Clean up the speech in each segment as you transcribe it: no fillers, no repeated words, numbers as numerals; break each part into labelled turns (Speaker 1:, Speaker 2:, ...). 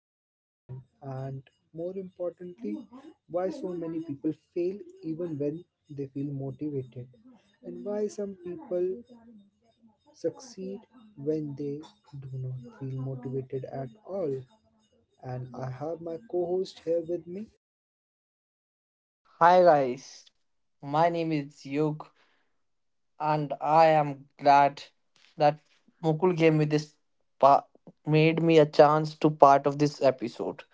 Speaker 1: motivation, and more importantly, why so many people fail even when they feel motivated, and why some people succeed when they do not feel motivated at all. And I have my co host here with me.
Speaker 2: Hi guys, my name is Yug and I am glad that Mukul gave me this pa- made me a chance to part of this episode.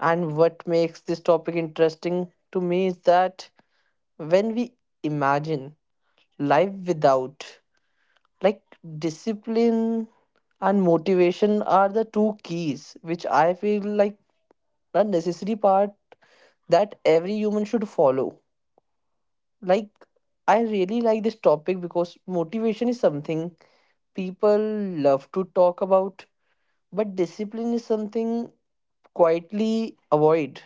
Speaker 2: And what makes this topic interesting to me is that when we imagine life without like discipline and motivation are the two keys which I feel like a necessary part that every human should follow. Like, I really like this topic because motivation is something people love to talk about, but discipline is something quietly avoid.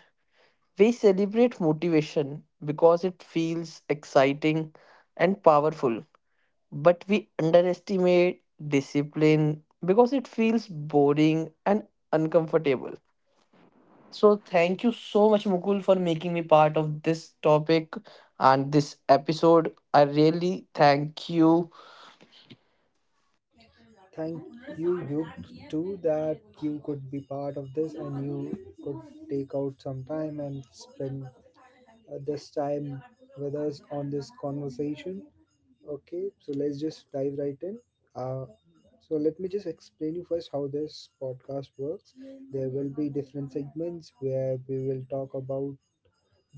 Speaker 2: We celebrate motivation because it feels exciting and powerful, but we underestimate discipline because it feels boring and uncomfortable. So thank you so much, Mukul, for making me part of this topic and this episode. I really thank you.
Speaker 1: Thank you, too, that you could be part of this and you could take out some time and spend this time with us on this conversation. Okay, so let's just dive right in. Uh, so let me just explain you first how this podcast works. There will be different segments where we will talk about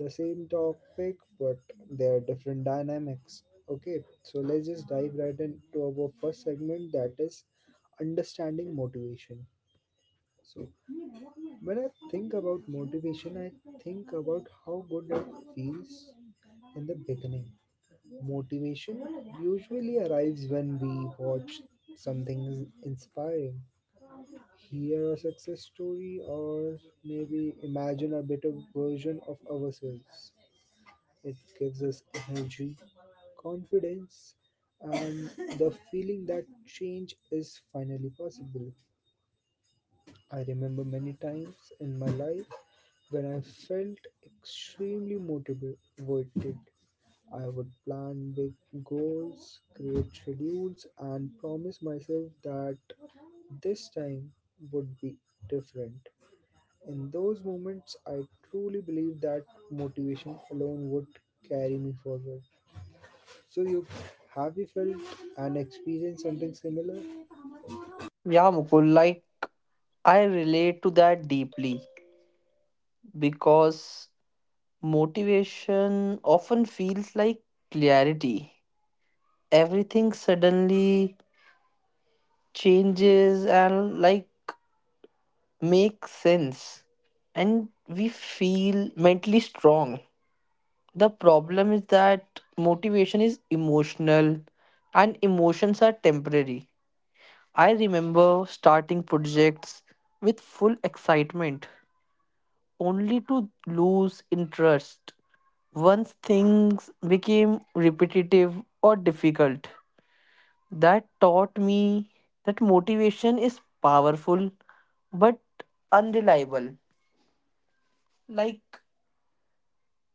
Speaker 1: the same topic, but there are different dynamics. Okay, so let's just dive right into our first segment, that is understanding motivation. So when I think about motivation, I think about how good it feels in the beginning. Motivation usually arrives when we watch something inspiring, hear a success story, or maybe imagine a better version of ourselves. It gives us energy, confidence, and the feeling that change is finally possible. I remember many times in my life when I felt extremely motivated. I would plan big goals, create schedules, and promise myself that this time would be different. In those moments, I truly believe that motivation alone would carry me forward. So you have you felt and experienced something similar?
Speaker 2: Yeah, Mukul, like I relate to that deeply because motivation often feels like clarity. Everything suddenly changes and like makes sense, and we feel mentally strong. The problem is that motivation is emotional and emotions are temporary. I remember starting projects with full excitement only to lose interest once things became repetitive or difficult. That taught me that motivation is powerful but unreliable. Like,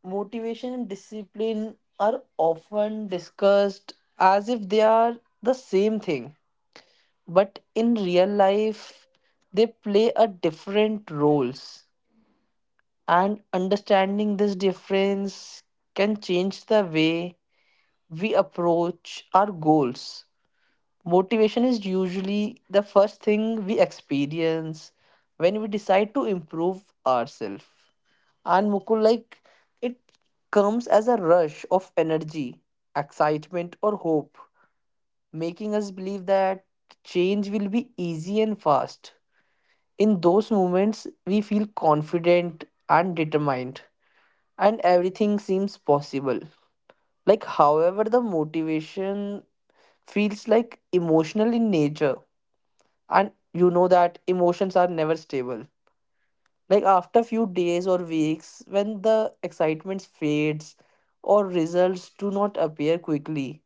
Speaker 2: motivation and discipline are often discussed as if they are the same thing, but in real life they play a different roles, and understanding this difference can change the way we approach our goals. Motivation is usually the first thing we experience when we decide to improve ourselves, and Mukul, like it comes as a rush of energy, excitement, or hope, making us believe that change will be easy and fast. In those moments, we feel confident and determined, and everything seems possible. Like, however, the motivation feels like emotional in nature, and you know that emotions are never stable. Like, after few days or weeks when the excitement fades or results do not appear quickly,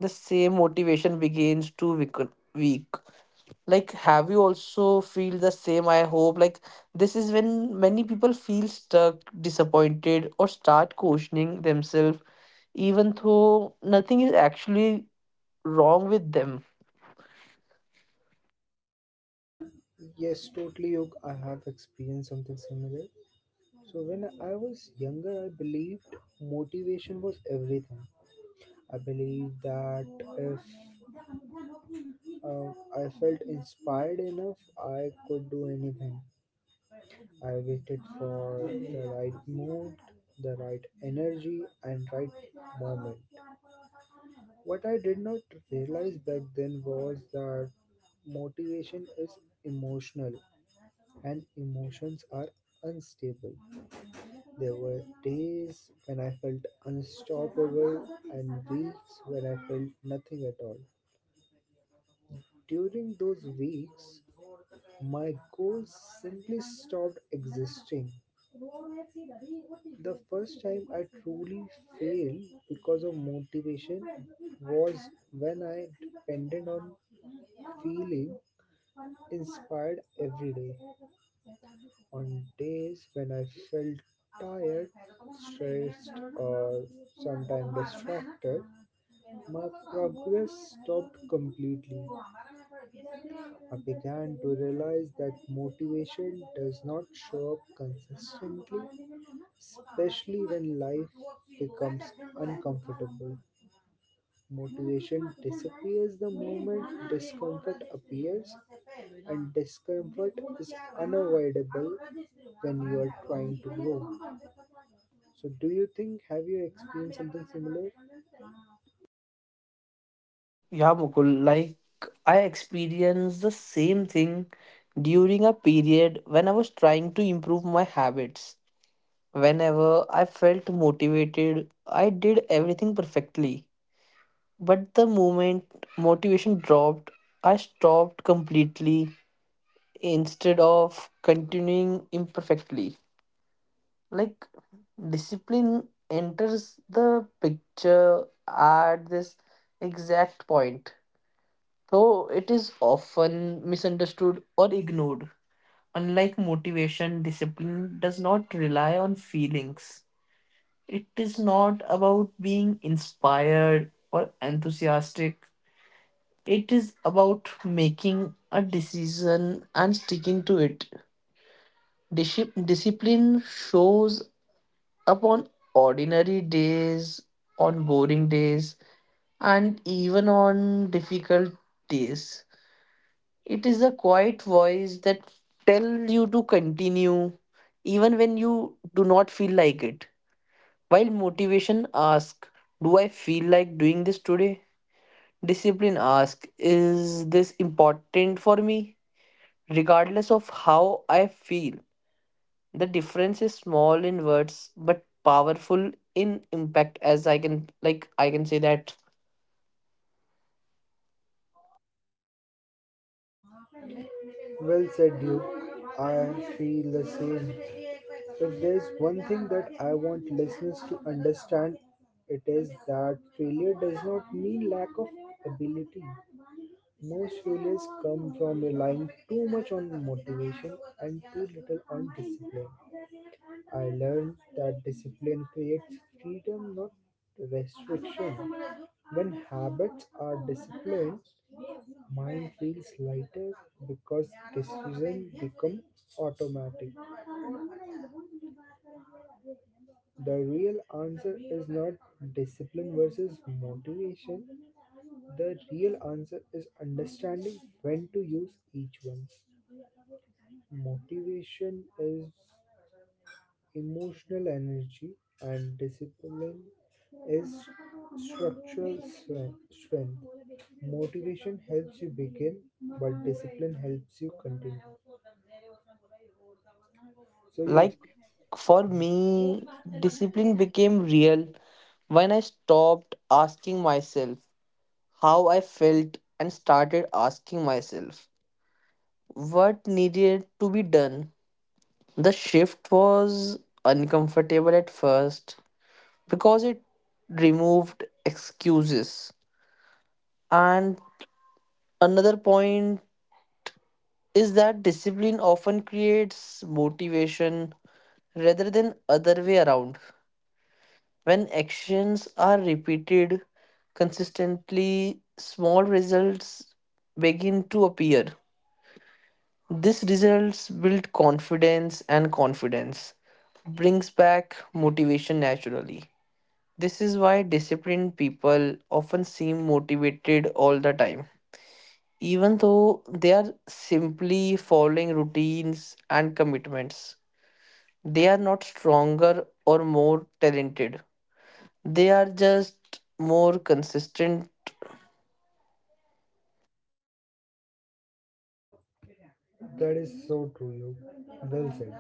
Speaker 2: the same motivation begins to weaken. Weak, like have you also feel the same? I hope, like, this is when many people feel stuck, disappointed, or start questioning themselves even though nothing is actually wrong with them.
Speaker 1: Yes, totally, Yog. I have experienced something similar. So when I was younger, I believed motivation was everything. I believed that if uh, I felt inspired enough, I could do anything. I waited for the right mood, the right energy, and right moment. What I did not realize back then was that motivation is emotional and emotions are unstable. There were days when I felt unstoppable and weeks when I felt nothing at all. During those weeks, my goals simply stopped existing. The first time I truly failed because of motivation was when I depended on feeling inspired every day. On days when I felt tired, stressed, or sometimes distracted, my progress stopped completely. I began to realize that motivation does not show up consistently, especially when life becomes uncomfortable. Motivation disappears the moment discomfort appears, and discomfort is unavoidable when you are trying to grow. So, do you think have you experienced something similar?
Speaker 2: Yeah, Mukul, like I experienced the same thing during a period when I was trying to improve my habits. Whenever I felt motivated, I did everything perfectly. But the moment motivation dropped, I stopped completely instead of continuing imperfectly. Like, discipline enters the picture at this exact point. So it is often misunderstood or ignored. Unlike motivation, discipline does not rely on feelings. It is not about being inspired or enthusiastic. It is about making a decision and sticking to it. Discipline shows up on ordinary days, on boring days, and even on difficult days. It is a quiet voice that tells you to continue even when you do not feel like it. While motivation asks, "Do I feel like doing this today?" Discipline asks, "Is this important for me?" Regardless of how I feel, the difference is small in words but powerful in impact, as I can, like, I can say that.
Speaker 1: Well said, Duke. I feel the same. If there's one thing that I want listeners to understand, it is that failure does not mean lack of ability. Most failures come from relying too much on motivation and too little on discipline. I learned that discipline creates freedom, not restriction. When habits are disciplined, mine feels lighter because decisions become automatic. The real answer is not discipline versus motivation. The real answer is understanding when to use each one. Motivation is emotional energy, and discipline is structural strength. Motivation helps you begin, but discipline helps you continue.
Speaker 2: Yeah,
Speaker 1: So you,
Speaker 2: like for me discipline became real when I stopped asking myself how I felt and started asking myself what needed to be done. The shift was uncomfortable at first because it removed excuses. And another point is that discipline often creates motivation rather than other way around. When actions are repeated consistently, small results begin to appear. These results build confidence, and confidence brings back motivation naturally. This is why disciplined people often seem motivated all the time, even though they are simply following routines and commitments. They are not stronger or more talented. They are just more consistent.
Speaker 1: that is so true. You, well said.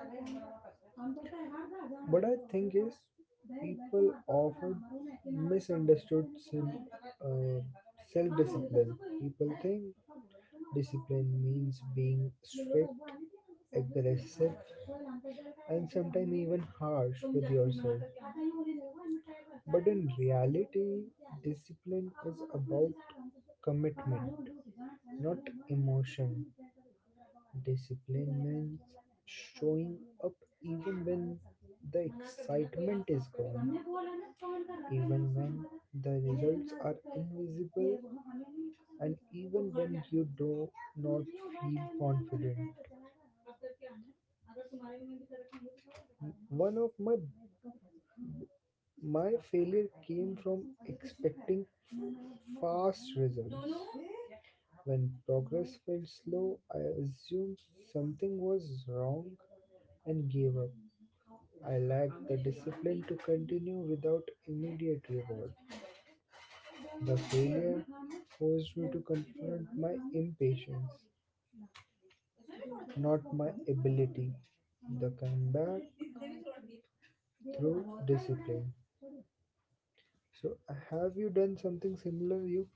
Speaker 1: What I think is, people often misunderstood uh, self-discipline. People think discipline means being strict, aggressive, and sometimes even harsh with yourself. But in reality, discipline is about commitment, not emotion. Discipline means showing up even when the excitement is gone, even when the results are invisible, and even when you do not feel confident. One of my failure came from expecting fast results. When progress felt slow, I assumed something was wrong and gave up. I lacked the discipline to continue without immediate reward. The failure forced me to confront my impatience, not my ability. The comeback through discipline. So, have you done something similar, Yuk?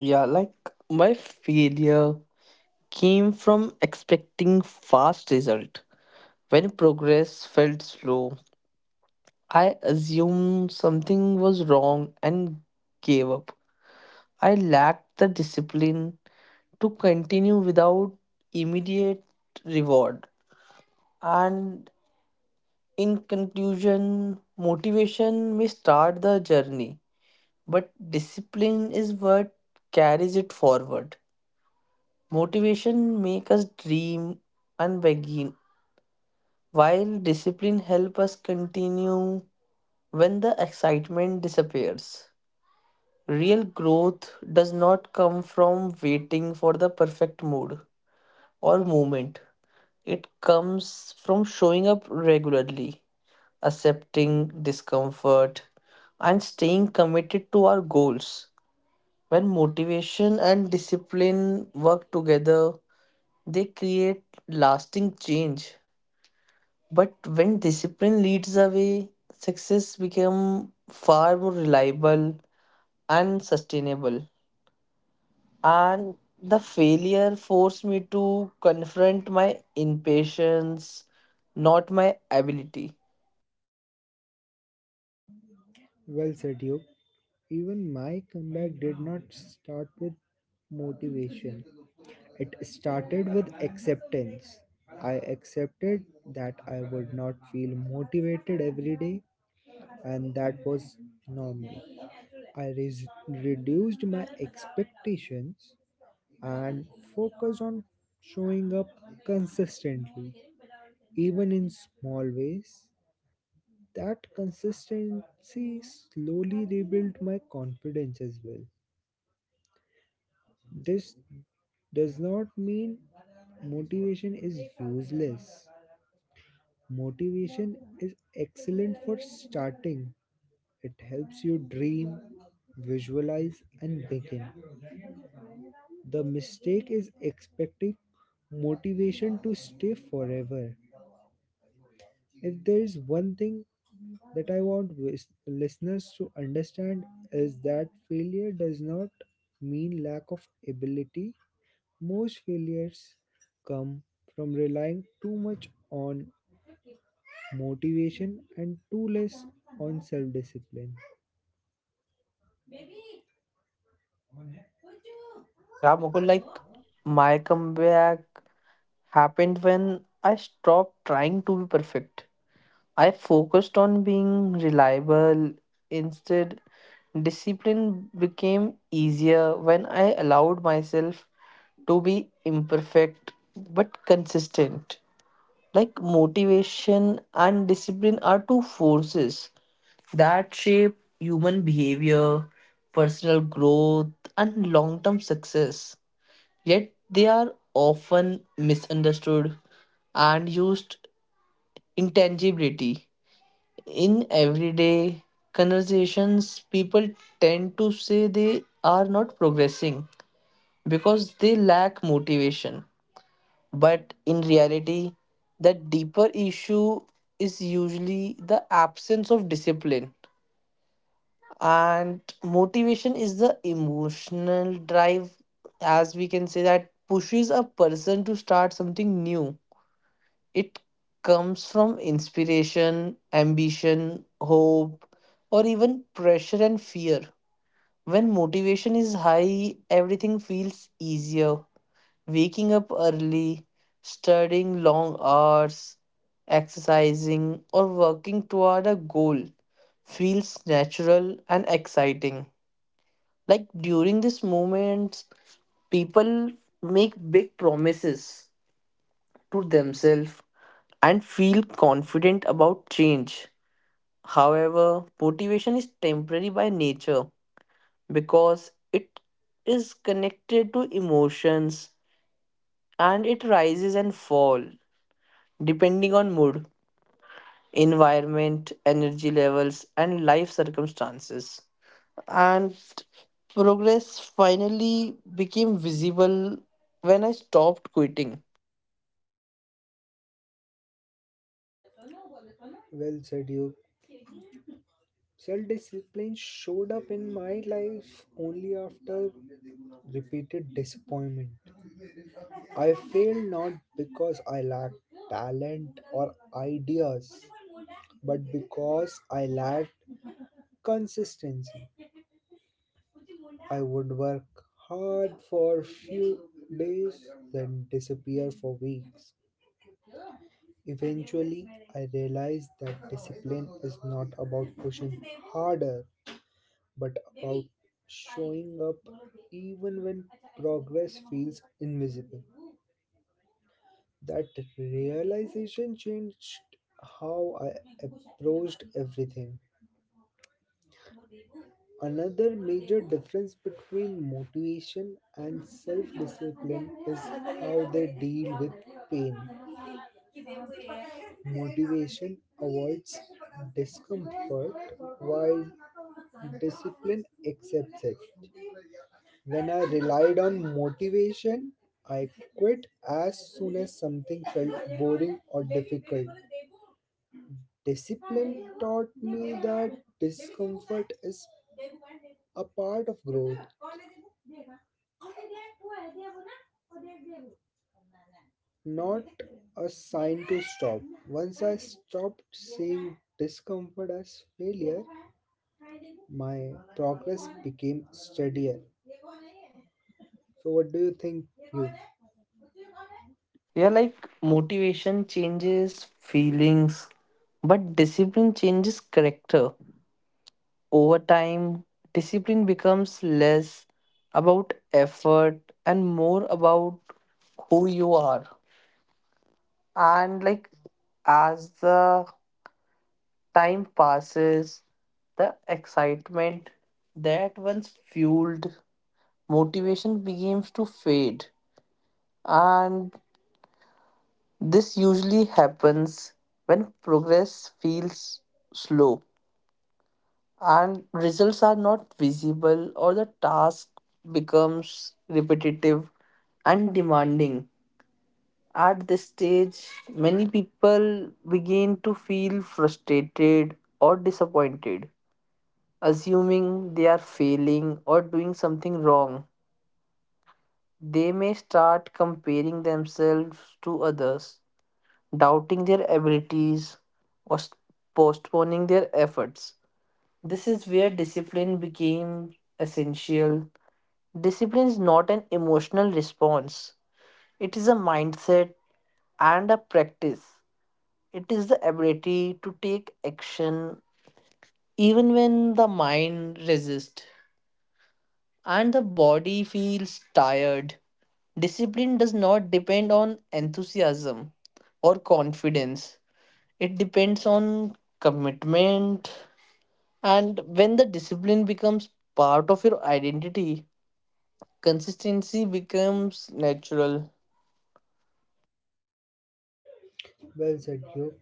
Speaker 2: Yeah, like my failure came from expecting fast result. When progress felt slow, I assumed something was wrong and gave up. I lacked the discipline to continue without immediate reward. And in conclusion, motivation may start the journey, but discipline is what carries it forward. Motivation make us dream and begin, while discipline help us continue when the excitement disappears. Real growth does not come from waiting for the perfect mood or moment. It comes from showing up regularly, accepting discomfort, and staying committed to our goals. When motivation and discipline work together, they create lasting change. But when discipline leads away, success become far more reliable and sustainable. And the failure forced me to confront my impatience, not my ability.
Speaker 1: Well said, you. Even my comeback did not start with motivation. It started with acceptance. I accepted that I would not feel motivated every day, and that was normal. I reduced my expectations and focused on showing up consistently, even in small ways. That consistency slowly rebuilt my confidence as well. This does not mean motivation is useless. Motivation is excellent for starting. It helps you dream, visualize, and begin. The mistake is expecting motivation to stay forever. If there is one thing that I want listeners to understand is that failure does not mean lack of ability. Most failures come from relying too much on motivation and too less on self discipline.
Speaker 2: Yeah, Mukul, like my comeback happened when I stopped trying to be perfect. I focused on being reliable. Instead, discipline became easier when I allowed myself to be imperfect but consistent. Like, motivation and discipline are two forces that shape human behavior, personal growth, and long term success. Yet they are often misunderstood and used intangibility in everyday conversations. People tend to say they are not progressing because they lack motivation. But in reality, the deeper issue is usually the absence of discipline. And motivation is the emotional drive, as we can say, that pushes a person to start something new. It comes from inspiration, ambition, hope, or even pressure and fear. When motivation is high, everything feels easier. Waking up early, studying long hours, exercising, or working toward a goal feels natural and exciting. Like, during this moment, people make big promises to themselves and feel confident about change. However, motivation is temporary by nature because it is connected to emotions, and it rises and falls depending on mood, environment, energy levels, and life circumstances. And progress finally became visible when I stopped quitting.
Speaker 1: Well said, you. Self discipline showed up in my life only after repeated disappointment. I failed not because I lacked talent or ideas, but because I lacked consistency. I would work hard for a few days, then disappear for weeks. Eventually, I realized that discipline is not about pushing harder, but about showing up even when progress feels invisible. That realization changed how I approached everything. Another major difference between motivation and self discipline is how they deal with pain. Motivation avoids discomfort while discipline accepts it. When I relied on motivation, I quit as soon as something felt boring or difficult. Discipline taught me that discomfort is a part of growth, not a sign to stop. Once I stopped seeing discomfort as failure, my progress became steadier. So, what do you think? You
Speaker 2: Yeah, like motivation changes feelings, but discipline changes character. Over time, discipline becomes less about effort and more about who you are. And like as the time passes, the excitement that once fueled motivation begins to fade. And this usually happens when progress feels slow and results are not visible, or the task becomes repetitive and demanding. At this stage, many people begin to feel frustrated or disappointed, assuming they are failing or doing something wrong. They may start comparing themselves to others, doubting their abilities, or postponing their efforts. This is where discipline became essential. Discipline is not an emotional response, it is a mindset and a practice. It is the ability to take action even when the mind resists and the body feels tired. Discipline does not depend on enthusiasm or confidence, it depends on commitment. And when the discipline becomes part of your identity, consistency becomes natural.
Speaker 1: well said, you.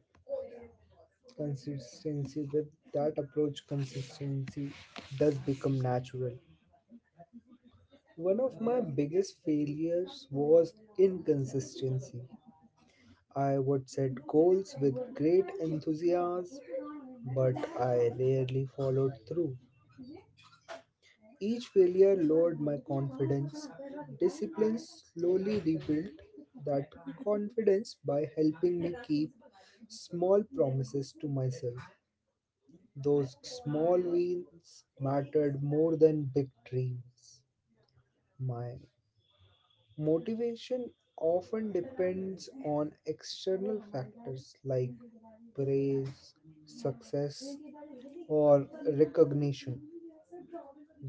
Speaker 1: Consistency with that approach, consistency does become natural. One of my biggest failures was inconsistency. I would set goals with great enthusiasm, but I rarely followed through. Each failure lowered my confidence. Discipline slowly rebuilt that confidence by helping me keep small promises to myself. Those small wins mattered more than big dreams. My motivation often depends on external factors like praise, success, or recognition.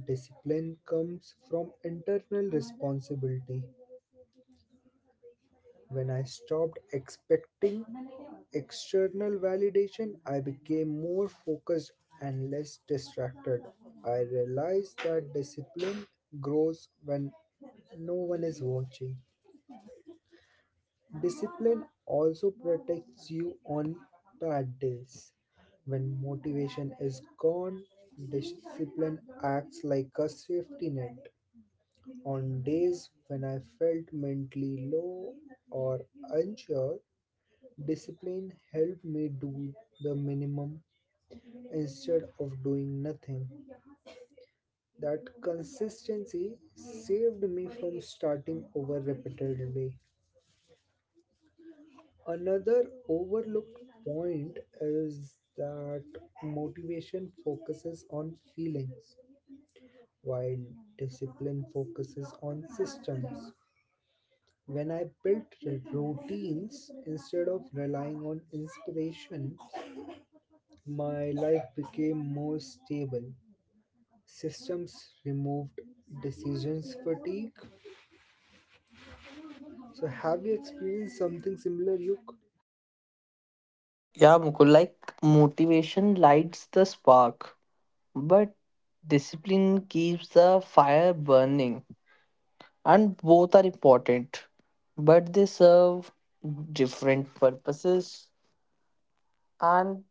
Speaker 1: Discipline comes from internal responsibility. When I stopped expecting external validation, I became more focused and less distracted. I realized that discipline grows when no one is watching. Discipline also protects you on bad days. When motivation is gone, discipline acts like a safety net. On days when I felt mentally low or unsure, discipline helped me do the minimum instead of doing nothing. That consistency saved me from starting over repeatedly. Another overlooked point is that motivation focuses on feelings while discipline focuses on systems. When I built routines instead of relying on inspiration, my life became more stable. Systems removed decisions fatigue. So, have you experienced something similar, Yuk?
Speaker 2: Yeah, Mukul, like motivation lights the spark, but discipline keeps the fire burning. And both are important, but they serve different purposes. And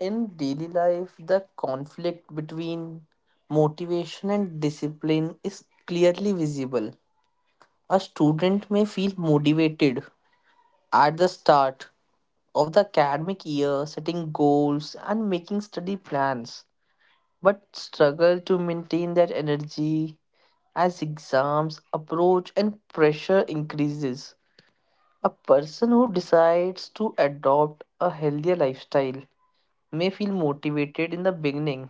Speaker 2: in daily life, the conflict between motivation and discipline is clearly visible. A student may feel motivated at the start of the academic year, setting goals and making study plans, but struggle to maintain that energy as exams approach and pressure increases. A person who decides to adopt a healthier lifestyle may feel motivated in the beginning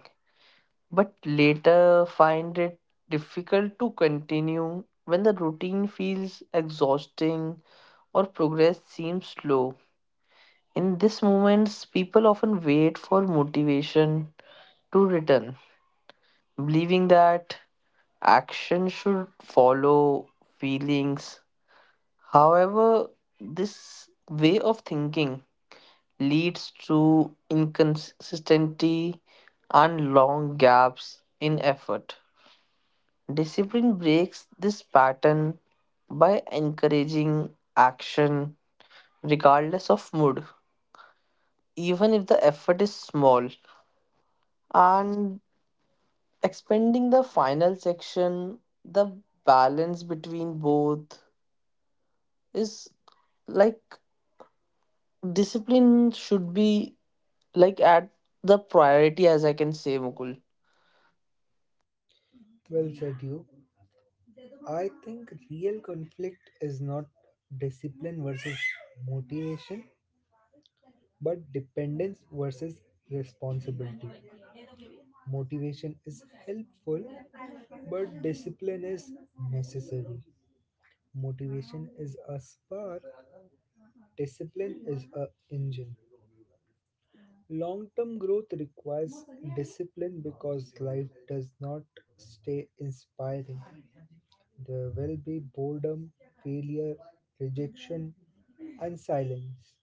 Speaker 2: but later find it difficult to continue when the routine feels exhausting or progress seems slow. In these moments, people often wait for motivation to return, believing that action should follow feelings. However, this way of thinking leads to inconsistency and long gaps in effort. Discipline breaks this pattern by encouraging action regardless of mood, even if the effort is small. And expanding the final section, the balance between both is, like, discipline should be, like, at the priority, as I can say, Mukul.
Speaker 1: Well said, you. I think real conflict is not discipline versus motivation, but dependence versus responsibility. Motivation is helpful, but discipline is necessary. Motivation is a spark, discipline is a engine. Long term growth requires discipline because life does not stay inspiring. There will be boredom, failure, rejection, and silence.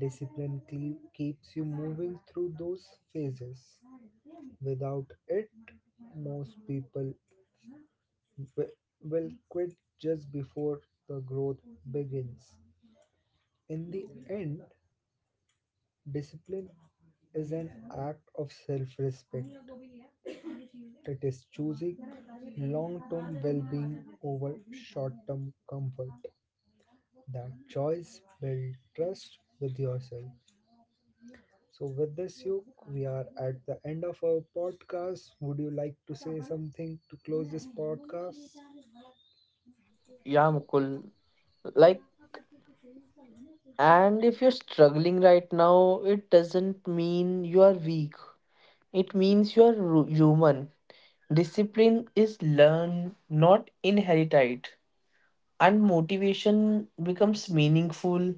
Speaker 1: Discipline keeps you moving through those phases. Without it, most people w- will quit just before the growth begins. In the end, discipline is an act of self respect. It is choosing long-term well-being over short-term comfort. That choice builds trust with yourself. So with this, you, we are at the end of our podcast. Would you like to say something to close this podcast?
Speaker 2: Yeah, Mukul. Like, and if you're struggling right now, it doesn't mean you are weak. It means you are human. Discipline is learned, not inherited. And motivation becomes meaningful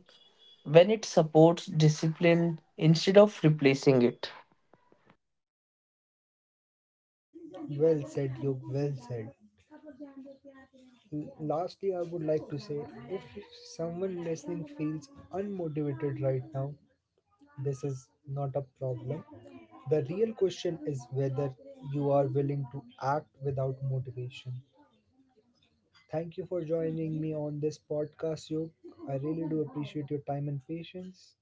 Speaker 2: when it supports discipline instead of replacing it.
Speaker 1: Well said, you, well said. Lastly, I would like to say, if someone listening feels unmotivated right now, this is not a problem. The real question is whether you are willing to act without motivation. Thank you for joining me on this podcast, Yog. I really do appreciate your time and patience.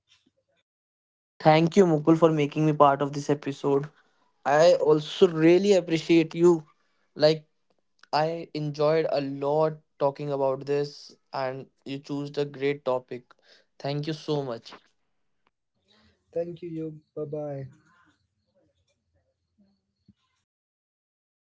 Speaker 2: Thank you, Mukul, for making me part of this episode. I also really appreciate you. Like, I enjoyed a lot talking about this, and you chose a great topic. Thank you so much.
Speaker 1: Thank you, Yog. Bye bye.